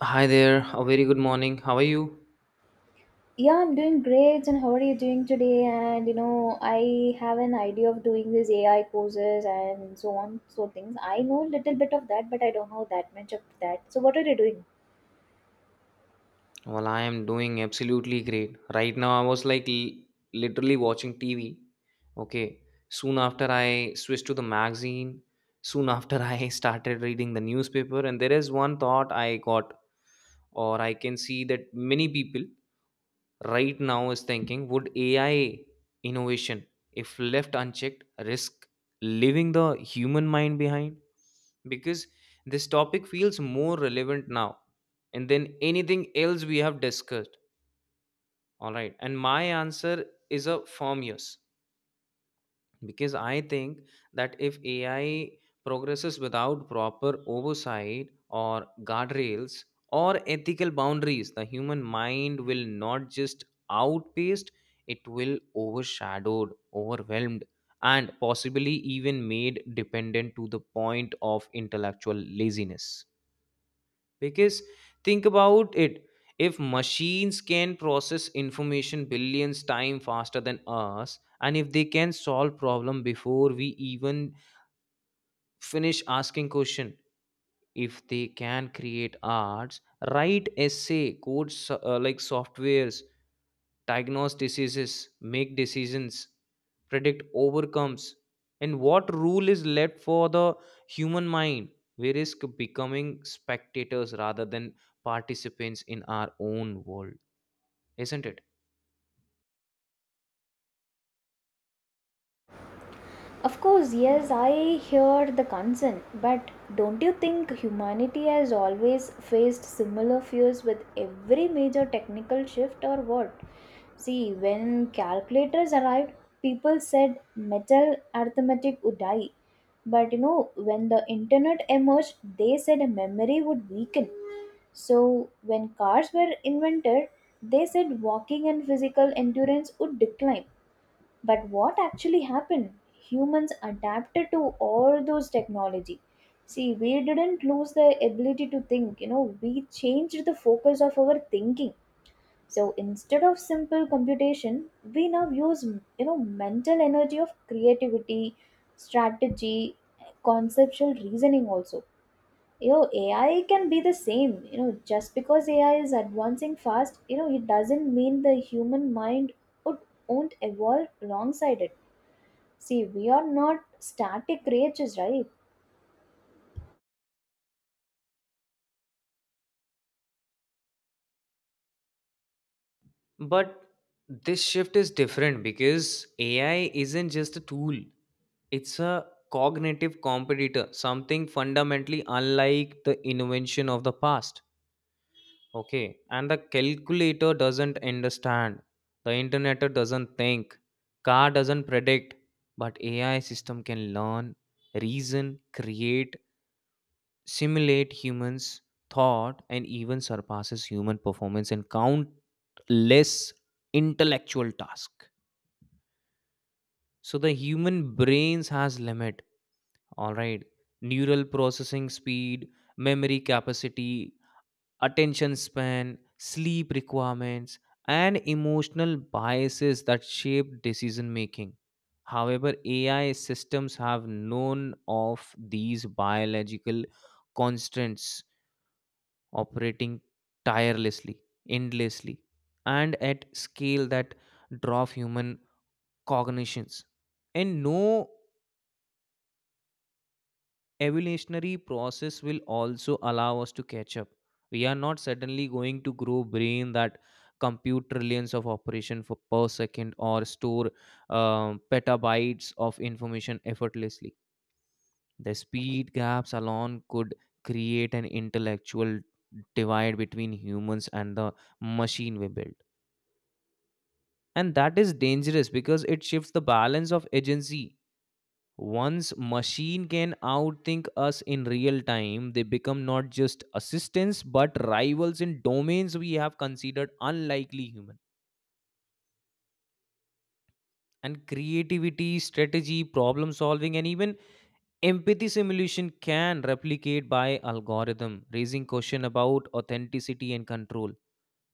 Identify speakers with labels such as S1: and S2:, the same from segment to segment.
S1: Hi there, a very good morning. How are you?
S2: Yeah, I'm doing great. And how are you doing today? And you know, I have an idea of doing these AI courses and so on, so things. I know a little bit of that, but I don't know that much of that. So, what are you doing?
S1: Well, I am doing absolutely great. Right now, I was literally watching TV. Okay. Soon after, I switched to the magazine. Soon after, I started reading the newspaper. And there is one thought I got, or I can see that many people right now is thinking, would AI innovation, if left unchecked, risk leaving the human mind behind? Because this topic feels more relevant now and then anything else we have discussed. All right, and my answer is a firm yes, because I think that if AI progresses without proper oversight or guardrails or ethical boundaries, the human mind will not just outpaced, it will overshadowed, overwhelmed, and possibly even made dependent to the point of intellectual laziness. Because think about it, if machines can process information billions times faster than us, and if they can solve problem before we even finish asking question, if they can create arts, write essay, like softwares, diagnose diseases, make decisions, predict overcomes, and what rule is left for the human mind? We risk becoming spectators rather than participants in our own world, isn't it?
S2: Of course, yes, I hear the concern, but don't you think humanity has always faced similar fears with every major technical shift or what? See, when calculators arrived, people said metal arithmetic would die. But you know, when the internet emerged, they said memory would weaken. So, when cars were invented, they said walking and physical endurance would decline, but what actually happened? Humans adapted to all those technology. See, we didn't lose the ability to think, you know, we changed the focus of our thinking. So instead of simple computation, we now use, you know, mental energy of creativity, strategy, conceptual reasoning also. You know, AI can be the same. You know, just because AI is advancing fast, you know, it doesn't mean the human mind would won't evolve alongside it. See, we are not static creatures, right?
S1: But this shift is different because AI isn't just a tool, it's a cognitive competitor, something fundamentally unlike the invention of the past. Okay, and the calculator doesn't understand, the internet doesn't think, car doesn't predict, but AI system can learn, reason, create, simulate humans thought, and even surpasses human performance in countless intellectual tasks. So the human brains has limit, all right? Neural processing speed, memory capacity, attention span, sleep requirements, and emotional biases that shape decision making. However, AI systems have none of these biological constraints, operating tirelessly, endlessly, and at scale that dwarf human cognitions. And no evolutionary process will also allow us to catch up. We are not suddenly going to grow brain that compute trillions of operation for per second or store petabytes of information effortlessly. The speed gaps alone could create an intellectual divide between humans and the machine we build. And that is dangerous because it shifts the balance of agency. Once machine can outthink us in real time, they become not just assistants but rivals in domains we have considered unlikely human. And creativity, strategy, problem solving, and even empathy simulation can replicate by algorithm, raising question about authenticity and control.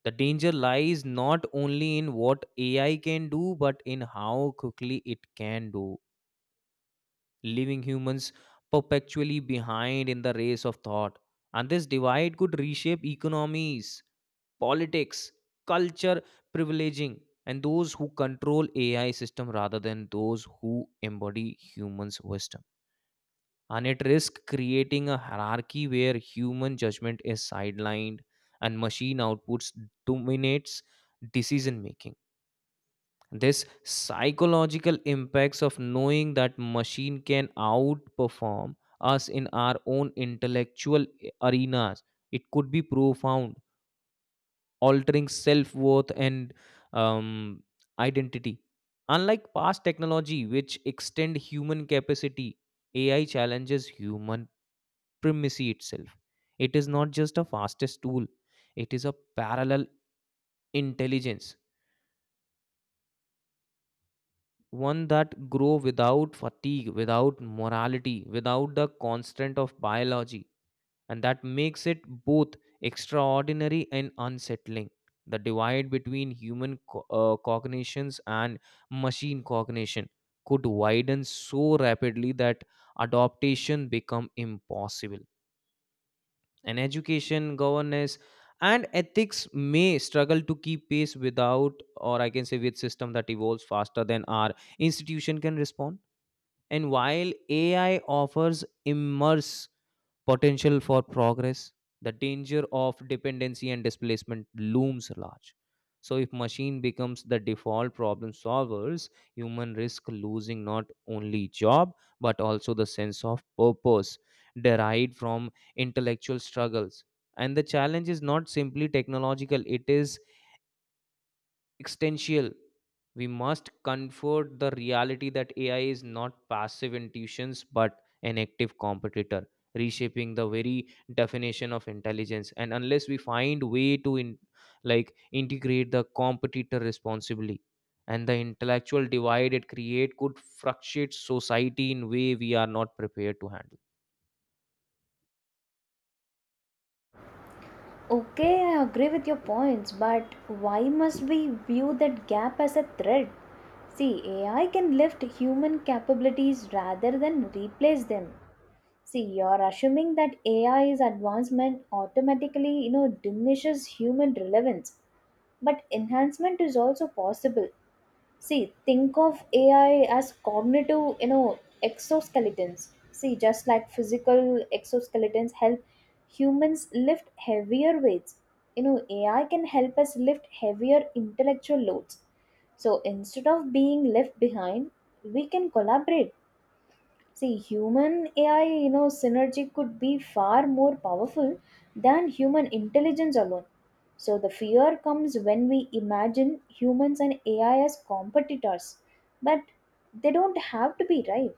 S1: The danger lies not only in what AI can do, but in how quickly it can do, leaving humans perpetually behind in the race of thought. And this divide could reshape economies, politics, culture, privileging, and those who control AI system rather than those who embody humans' wisdom. And it risks creating a hierarchy where human judgment is sidelined and machine outputs dominates decision making. This psychological impacts of knowing that machine can outperform us in our own intellectual arenas, it could be profound, altering self-worth and um, identity. Unlike past technology which extend human capacity, AI challenges human primacy itself. It is not just a fastest tool, it is a parallel intelligence, one that grow without fatigue, without morality, without the constant of biology. And that makes it both extraordinary and unsettling. The divide between cognitions and machine cognition could widen so rapidly that adaptation become impossible. And education, governance, and ethics may struggle to keep pace without, or I can say with, system that evolves faster than our institution can respond. And while AI offers immense potential for progress, the danger of dependency and displacement looms large. So, if machine becomes the default problem solvers, human risk losing not only job but also the sense of purpose derived from intellectual struggles. And the challenge is not simply technological; it is existential. We must comfort the reality that AI is not passive intuitions but an active competitor, reshaping the very definition of intelligence. And unless we find way to like integrate the competitor responsibly, and the intellectual divide it create could frustrate society in way we are not prepared to handle.
S2: Okay, I agree with your points, but why must we view that gap as a threat? See, AI can lift human capabilities rather than replace them. See, you're assuming that AI's advancement automatically, you know, diminishes human relevance, but enhancement is also possible. See, think of AI as cognitive, you know, exoskeletons. See, just like physical exoskeletons help humans lift heavier weights, you know, AI can help us lift heavier intellectual loads. So instead of being left behind, we can collaborate. See, human AI, you know, synergy could be far more powerful than human intelligence alone. So the fear comes when we imagine humans and AI as competitors, but they don't have to be, right?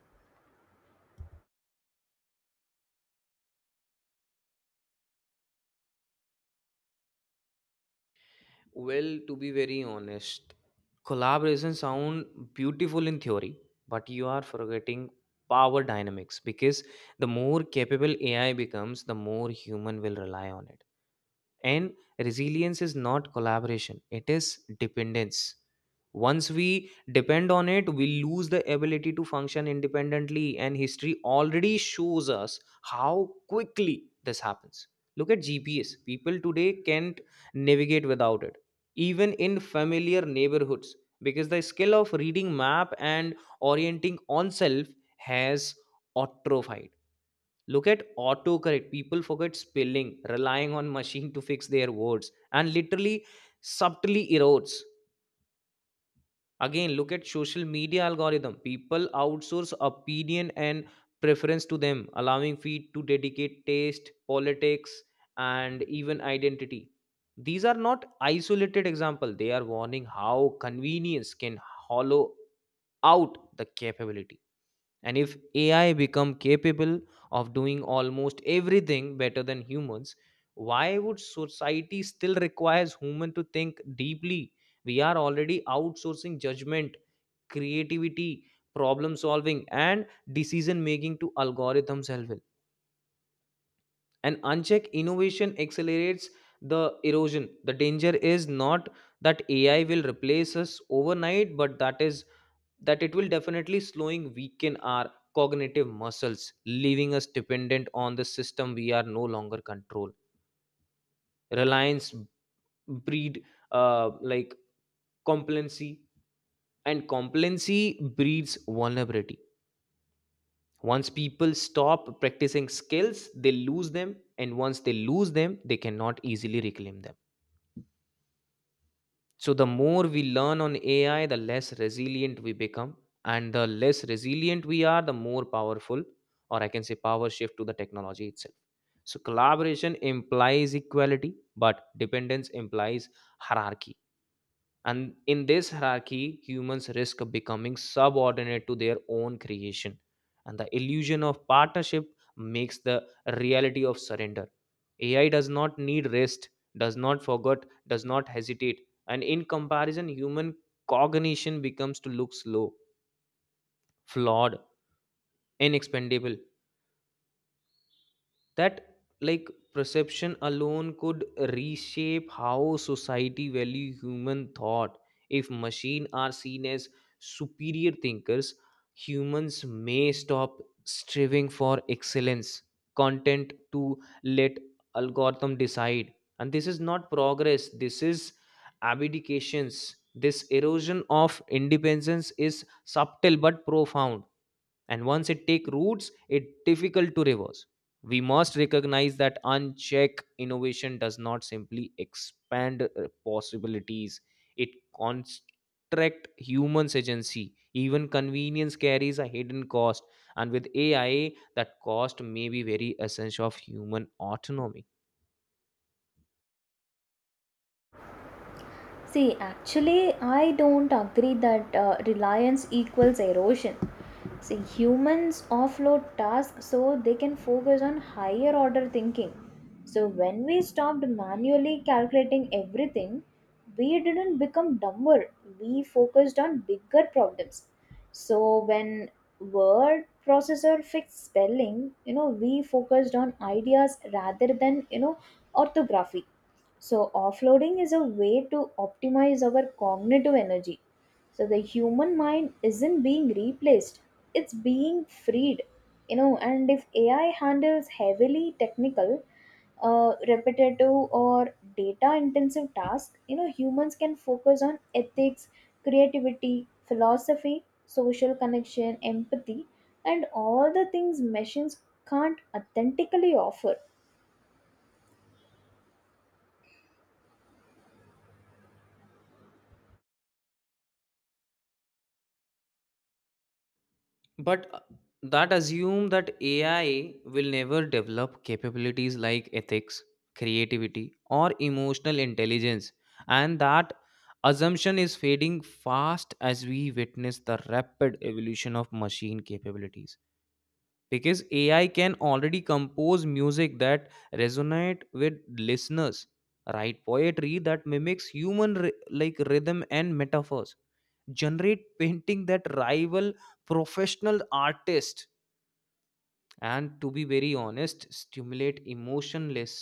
S1: Well, to be very honest, collaboration sound beautiful in theory, but you are forgetting power dynamics, because the more capable AI becomes, the more human will rely on it. And resilience is not collaboration, it is dependence. Once we depend on it, we lose the ability to function independently, and history already shows us how quickly this happens. Look at GPS, people today can't navigate without it, even in familiar neighborhoods, because the skill of reading map and orienting oneself has atrophied. Look at autocorrect. People forget spelling, relying on machine to fix their words, and literally subtly erodes. Again, look at social media algorithm. People outsource opinion and preference to them, allowing feed to dedicate taste, politics, and even identity. These are not isolated example. They are warning how convenience can hollow out the capability. And if AI become capable of doing almost everything better than humans, why would society still requires human to think deeply? We are already outsourcing judgment, creativity, problem solving, and decision making to algorithms help. And unchecked innovation accelerates the erosion. The danger is not that AI will replace us overnight, but that is that it will definitely slowing weaken our cognitive muscles, leaving us dependent on the system we are no longer control. Reliance breed like complacency, and complacency breeds vulnerability. Once people stop practicing skills they lose them, and once they lose them they cannot easily reclaim them. So the more we learn on AI, the less resilient we become. And the less resilient we are, the more powerful, or I can say power shift to the technology itself. So collaboration implies equality, but dependence implies hierarchy. And in this hierarchy, humans risk becoming subordinate to their own creation. And the illusion of partnership makes the reality of surrender. AI does not need rest, does not forget, does not hesitate. And in comparison, human cognition becomes to look slow, flawed, inexpendable. That like perception alone could reshape how society value human thought. If machines are seen as superior thinkers, humans may stop striving for excellence, content to let algorithm decide. And this is not progress, this is abdications. This erosion of independence is subtle but profound, and once it take roots it difficult to reverse. We must recognize that unchecked innovation does not simply expand possibilities, it constrict humans agency. Even convenience carries a hidden cost, and with AI that cost may be very essence of human autonomy.
S2: See, actually, I don't agree that reliance equals erosion. See, humans offload tasks so they can focus on higher order thinking. So, when we stopped manually calculating everything, we didn't become dumber, we focused on bigger problems. So, when word processor fixed spelling, you know, we focused on ideas rather than, you know, orthography. So, offloading is a way to optimize our cognitive energy. So, the human mind isn't being replaced, it's being freed. You know, and if AI handles heavily technical, repetitive, or data intensive tasks, you know, humans can focus on ethics, creativity, philosophy, social connection, empathy, and all the things machines can't authentically offer.
S1: But that assume that AI will never develop capabilities like ethics, creativity, or emotional intelligence. And that assumption is fading fast as we witness the rapid evolution of machine capabilities, because AI can already compose music that resonate with listeners, write poetry that mimics like rhythm and metaphors, generate painting that rival professional artists, and to be very honest stimulate emotionless,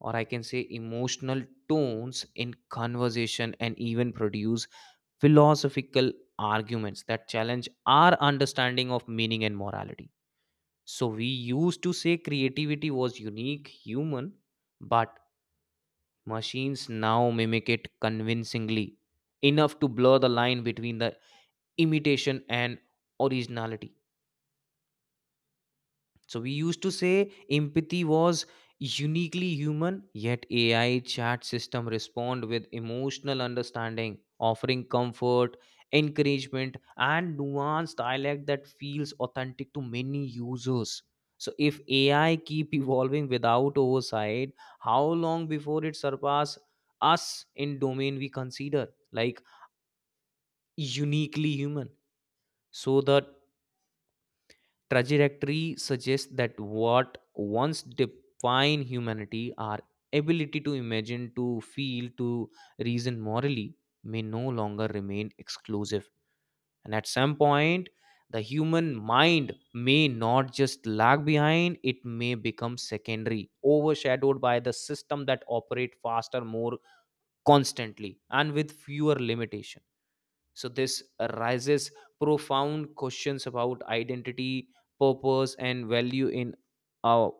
S1: or I can say emotional tones in conversation, and even produce philosophical arguments that challenge our understanding of meaning and morality. So we used to say creativity was unique human, but machines now mimic it convincingly, enough to blur the line between the imitation and originality. So we used to say empathy was uniquely human, yet AI chat system respond with emotional understanding, offering comfort, encouragement, and nuanced dialect that feels authentic to many users. So if AI keep evolving without oversight, how long before it surpass us in domain we consider like uniquely human? So the trajectory suggests that what once defined humanity, our ability to imagine, to feel, to reason morally, may no longer remain exclusive. And at some point, the human mind may not just lag behind, it may become secondary, overshadowed by the system that operate faster, more constantly, and with fewer limitation. So this raises profound questions about identity, purpose, and value in a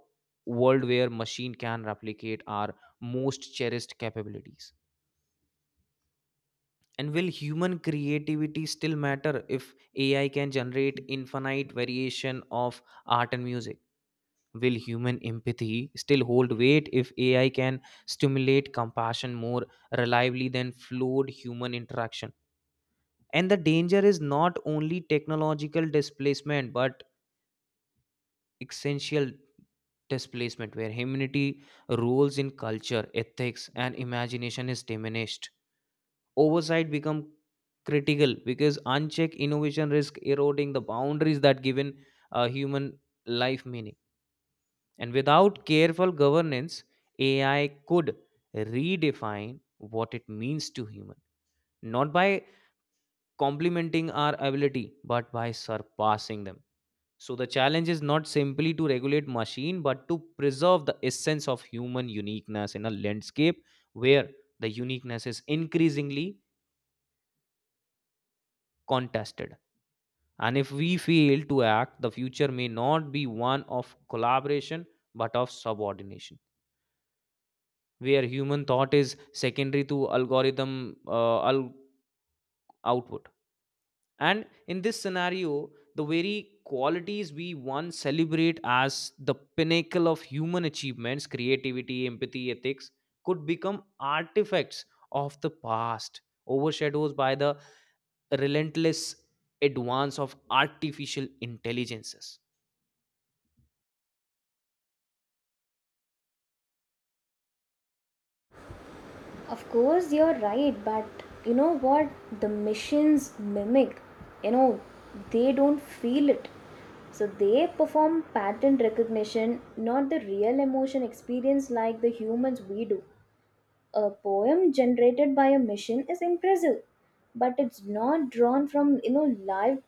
S1: world where machine can replicate our most cherished capabilities. And will human creativity still matter if AI can generate infinite variation of art and music? Will human empathy still hold weight if AI can stimulate compassion more reliably than flawed human interaction? And the danger is not only technological displacement but essential displacement, where humanity roles in culture, ethics, and imagination is diminished. Oversight become critical because unchecked innovation risk eroding the boundaries that given a human life meaning. And without careful governance, AI could redefine what it means to human, not by complementing our ability but by surpassing them. So the challenge is not simply to regulate machine, but to preserve the essence of human uniqueness in a landscape where the uniqueness is increasingly contested. And if we fail to act, the future may not be one of collaboration, but of subordination, where human thought is secondary to output. And in this scenario, the very qualities we once celebrate as the pinnacle of human achievements, creativity, empathy, ethics, could become artifacts of the past, overshadowed by the relentless advance of artificial intelligences.
S2: Of course, you're right, but you know what? The machines mimic, you know, they don't feel it. So they perform pattern recognition, not the real emotion experience like the humans we do. A poem generated by a machine is impressive, but it's not drawn from, you know, life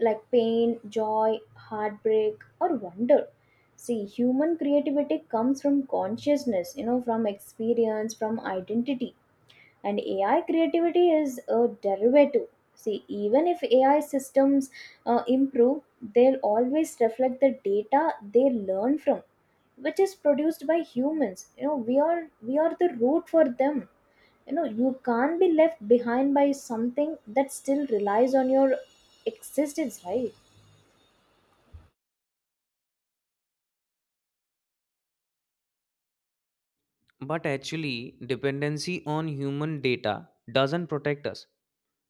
S2: like pain, joy, heartbreak, or wonder. See, human creativity comes from consciousness, you know, from experience, from identity, and AI creativity is a derivative. See, even if AI systems improve, they'll always reflect the data they learn from, which is produced by humans. You know, we are the root for them. You know, you can't be left behind by something that still relies on your existence, right?
S1: But actually, dependency on human data doesn't protect us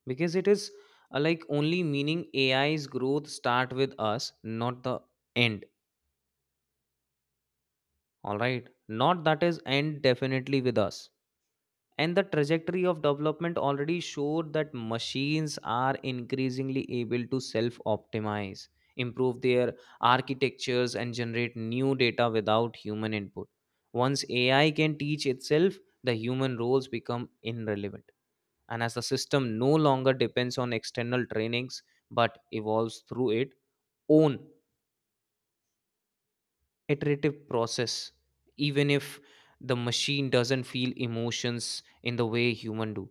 S1: because it is like only meaning AI's growth start with us, not the end. All right. Not that is end definitely with us. And the trajectory of development already showed that machines are increasingly able to self optimize, improve their architectures, and generate new data without human input. Once AI can teach itself, the human roles become irrelevant. And as the system no longer depends on external trainings but evolves through its own iterative process even if the machine doesn't feel emotions in the way human do,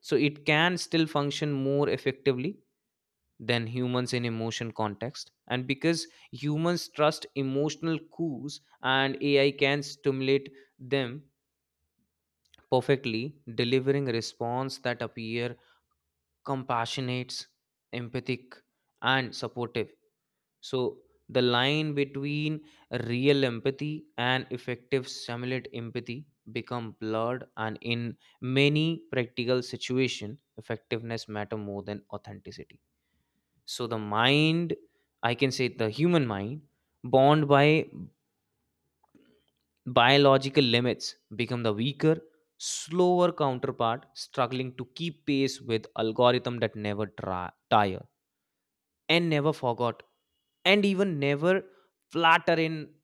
S1: so it can still function more effectively than humans in emotion context. And because humans trust emotional cues and ai can stimulate them perfectly, delivering response that appear compassionate, empathic, and supportive, so the line between real empathy and effective simulate empathy become blurred, and in many practical situation effectiveness matter more than authenticity. So the mind, I can say the human mind bound by biological limits become the weaker, slower counterpart, struggling to keep pace with algorithm that never tire and never forgot and even never flatter in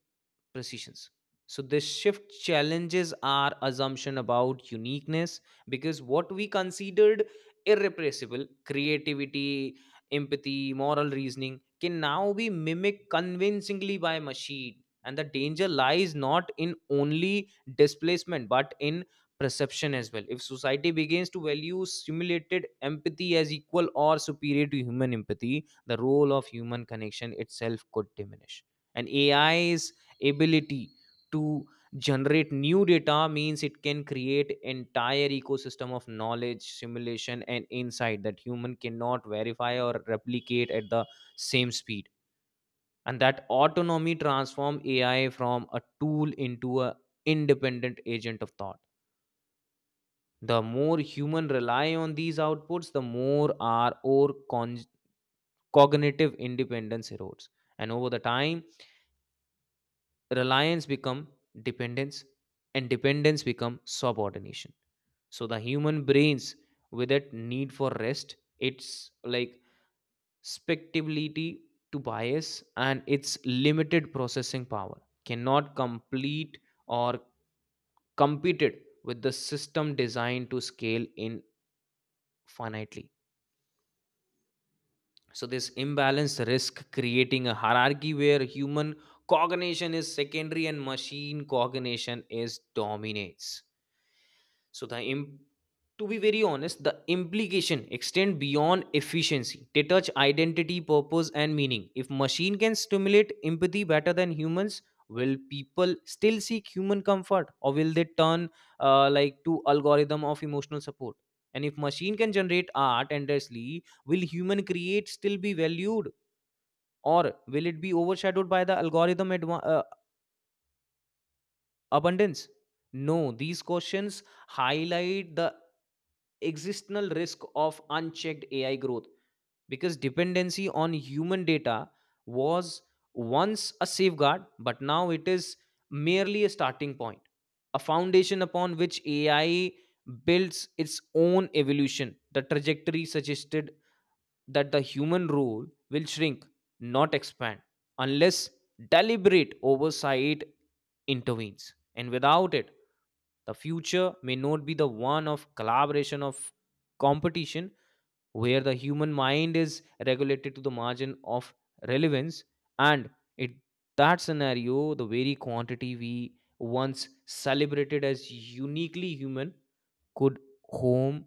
S1: precisions. So this shift challenges our assumption about uniqueness because what we considered irrepressible, creativity, empathy, moral reasoning, can now be mimicked convincingly by machine. And the danger lies not in only displacement but in perception as well. If society begins to value simulated empathy as equal or superior to human empathy, the role of human connection itself could diminish. And ai ability to generate new data means it can create entire ecosystem of knowledge, simulation, and insight that human cannot verify or replicate at the same speed. And that autonomy transform ai from a tool into a independent agent of thought. The more human rely on these outputs, the more our cognitive independence erodes. And over the time, reliance become dependence, and dependence become subordination. So the human brains, with that need for rest, it's like spectability to bias and its limited processing power, cannot complete or competed with the system designed to scale infinitely. So this imbalance risk creating a hierarchy where human cognition is secondary and machine cognition is dominates. So the imp- to be very honest, the implication extend beyond efficiency. They touch identity, purpose, and meaning. If machine can stimulate empathy better than humans, will people still seek human comfort, or will they turn like to algorithm of emotional support? And if machine can generate art endlessly, will human create still be valued, or will it be overshadowed by the algorithm abundance? No, these questions highlight the existential risk of unchecked AI growth because dependency on human data was once a safeguard, but now it is merely a starting point, a foundation upon which AI builds its own evolution. The trajectory suggested that the human role will shrink, not expand, unless deliberate oversight intervenes. And without it, the future may not be the one of collaboration, of competition, where the human mind is regulated to the margin of relevance. And in that scenario, the very quantity we once celebrated as uniquely human could home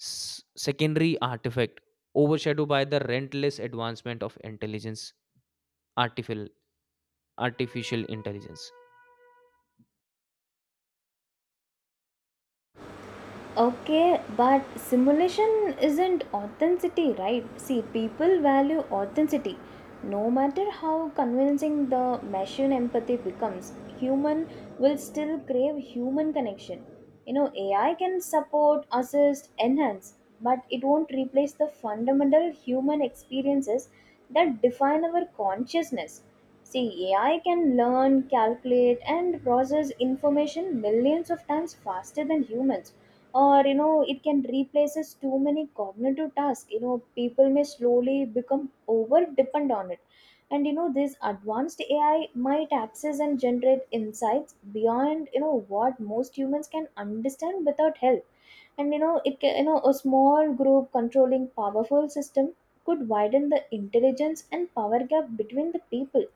S1: secondary artifact overshadowed by the relentless advancement of intelligence, artificial artificial intelligence.
S2: Okay, but simulation isn't authenticity, right? See, people value authenticity. No matter how convincing the machine empathy becomes, human will still crave human connection. You know, AI can support, assist, enhance, but it won't replace the fundamental human experiences that define our consciousness. See, AI can learn, calculate, and process information millions of times faster than humans, or you know, it can replaces too many cognitive tasks. You know, people may slowly become over depend on it. And you know, this advanced AI might access and generate insights beyond, you know, what most humans can understand without help. And you know, it you know, a small group controlling powerful system could widen the intelligence and power gap between the people.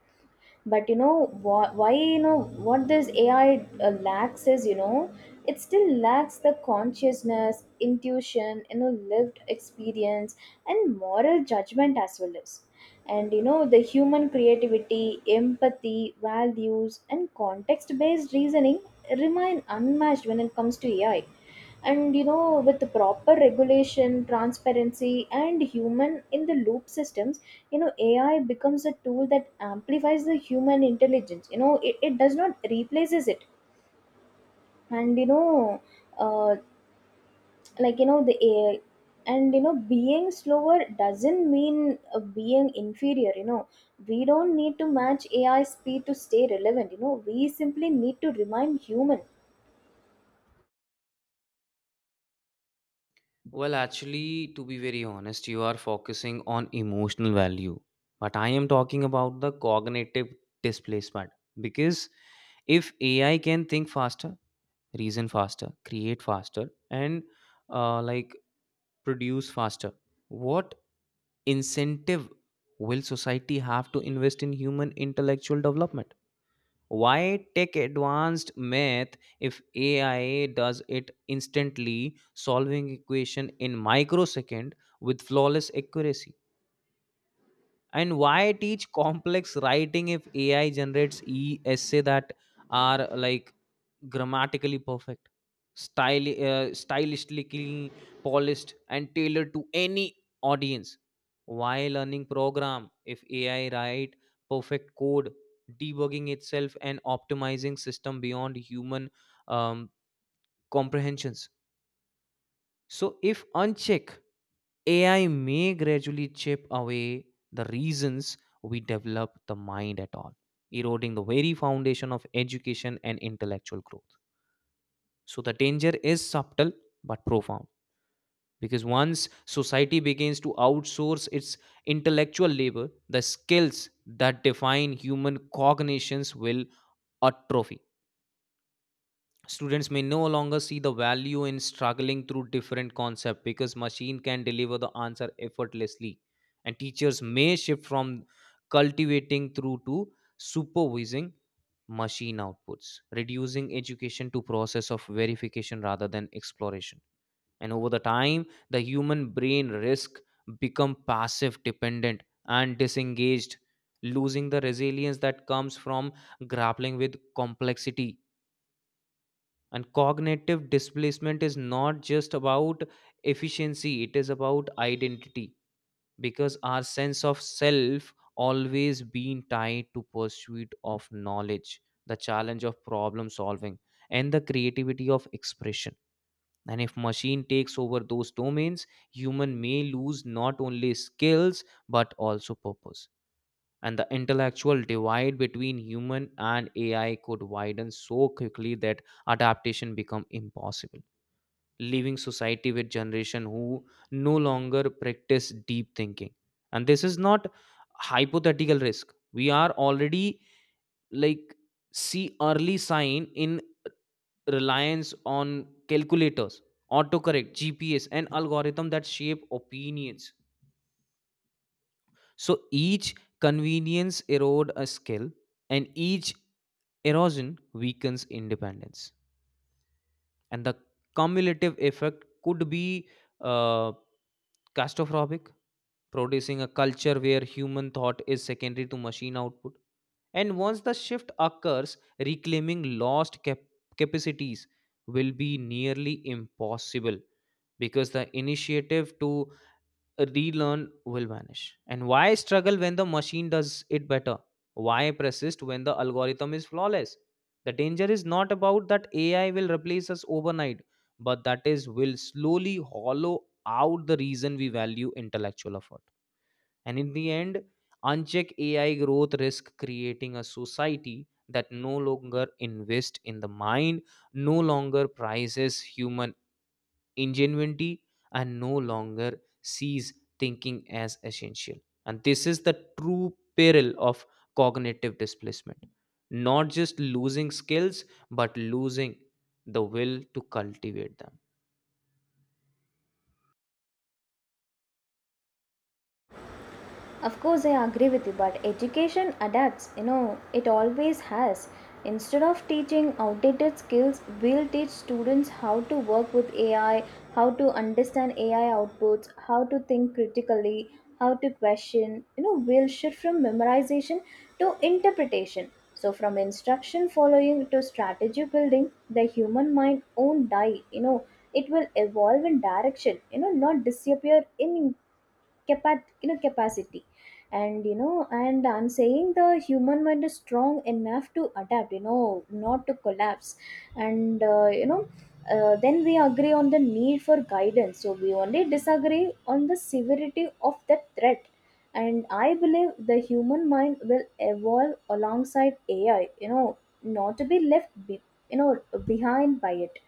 S2: But you know, why you know, what this AI lacks is, you know, it still lacks the consciousness, intuition, you know, lived experience and moral judgment, as well as, and you know, the human creativity, empathy, values, and context based reasoning remain unmatched when it comes to AI. And you know, with the proper regulation, transparency, and human in the loop systems, you know, AI becomes a tool that amplifies the human intelligence. You know, it does not replaces it. And you know, uh, like you know, the AI, and you know, being slower doesn't mean being inferior. You know, we don't need to match AI speed to stay relevant. You know, we simply need to remain human.
S1: Well, actually, to be very honest, you are focusing on emotional value, but I am talking about the cognitive displacement. Because if AI can think faster, reason faster, create faster, and like produce faster, what incentive will society have to invest in human intellectual development? Why take advanced math if AI does it instantly, solving equation in microsecond with flawless accuracy? And why teach complex writing if ai generates e essay that are like grammatically perfect, stylistically polished and tailored to any audience? Why learning program if ai write perfect code, debugging itself and optimizing system beyond human um, comprehensions? So if uncheck AI may gradually chip away the reasons we develop the mind at all, eroding the very foundation of education and intellectual growth. So the danger is subtle but profound because once society begins to outsource its intellectual labor, the skills that define human cognitions will atrophy. Students may no longer see the value in struggling through different concepts because machine can deliver the answer effortlessly. And teachers may shift from cultivating through to supervising machine outputs, reducing education to process of verification rather than exploration. And over the time, the human brain risk become passive, dependent, and disengaged, losing the resilience that comes from grappling with complexity. And cognitive displacement is not just about efficiency, it is about identity. Because our sense of self always being tied to pursuit of knowledge, the challenge of problem solving, and the creativity of expression. And if machine takes over those domains, human may lose not only skills but also purpose. And the intellectual divide between human and AI could widen so quickly that adaptation become impossible, leaving society with generation who no longer practice deep thinking. And this is not hypothetical risk. We are already like see early sign in reliance on calculators, autocorrect, GPS, and algorithm that shape opinions. So each convenience erode a skill, and each erosion weakens independence. And the cumulative effect could be uh, catastrophic, producing a culture where human thought is secondary to machine output. And once the shift occurs, reclaiming lost capacities will be nearly impossible because the initiative to relearn will vanish. And why struggle when the machine does it better? Why persist when the algorithm is flawless? The danger is not about that AI will replace us overnight, but that is will slowly hollow out the reason we value intellectual effort. And in the end, unchecked AI growth risk creating a society that no longer invests in the mind, no longer prizes human ingenuity, and no longer sees thinking as essential. And this is the true peril of cognitive displacement. Not just losing skills, but losing the will to cultivate them.
S2: Of course, I agree with you, but education adapts, you know, it always has. Instead of teaching outdated skills, we'll teach students how to work with AI, how to understand AI outputs, how to think critically, how to question. You know, we'll shift from memorization to interpretation. So, from instruction following to strategy building, the human mind won't die. You know, it will evolve in direction, you know, not disappear in you know, capacity. And you know, and I'm saying the human mind is strong enough to adapt, you know, not to collapse. And you know, then we agree on the need for guidance, so we only disagree on the severity of the threat. And I believe the human mind will evolve alongside AI, you know, not to be you know, behind by it.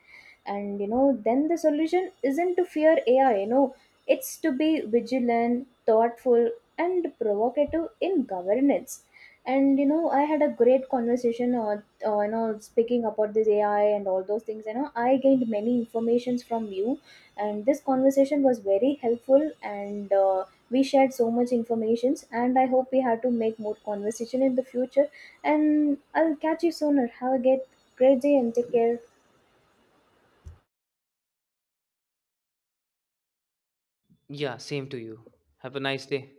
S2: And you know, then the solution isn't to fear AI. You know, it's to be vigilant, thoughtful, and provocative in governance. And you know, I had a great conversation on, you know, speaking about this AI and all those things. You know, I gained many informations from you, and this conversation was very helpful. And we shared so much informations. And I hope we have to make more conversation in the future. And I'll catch you sooner. Have a great, great day and take care.
S1: Yeah, same to you. Have a nice day.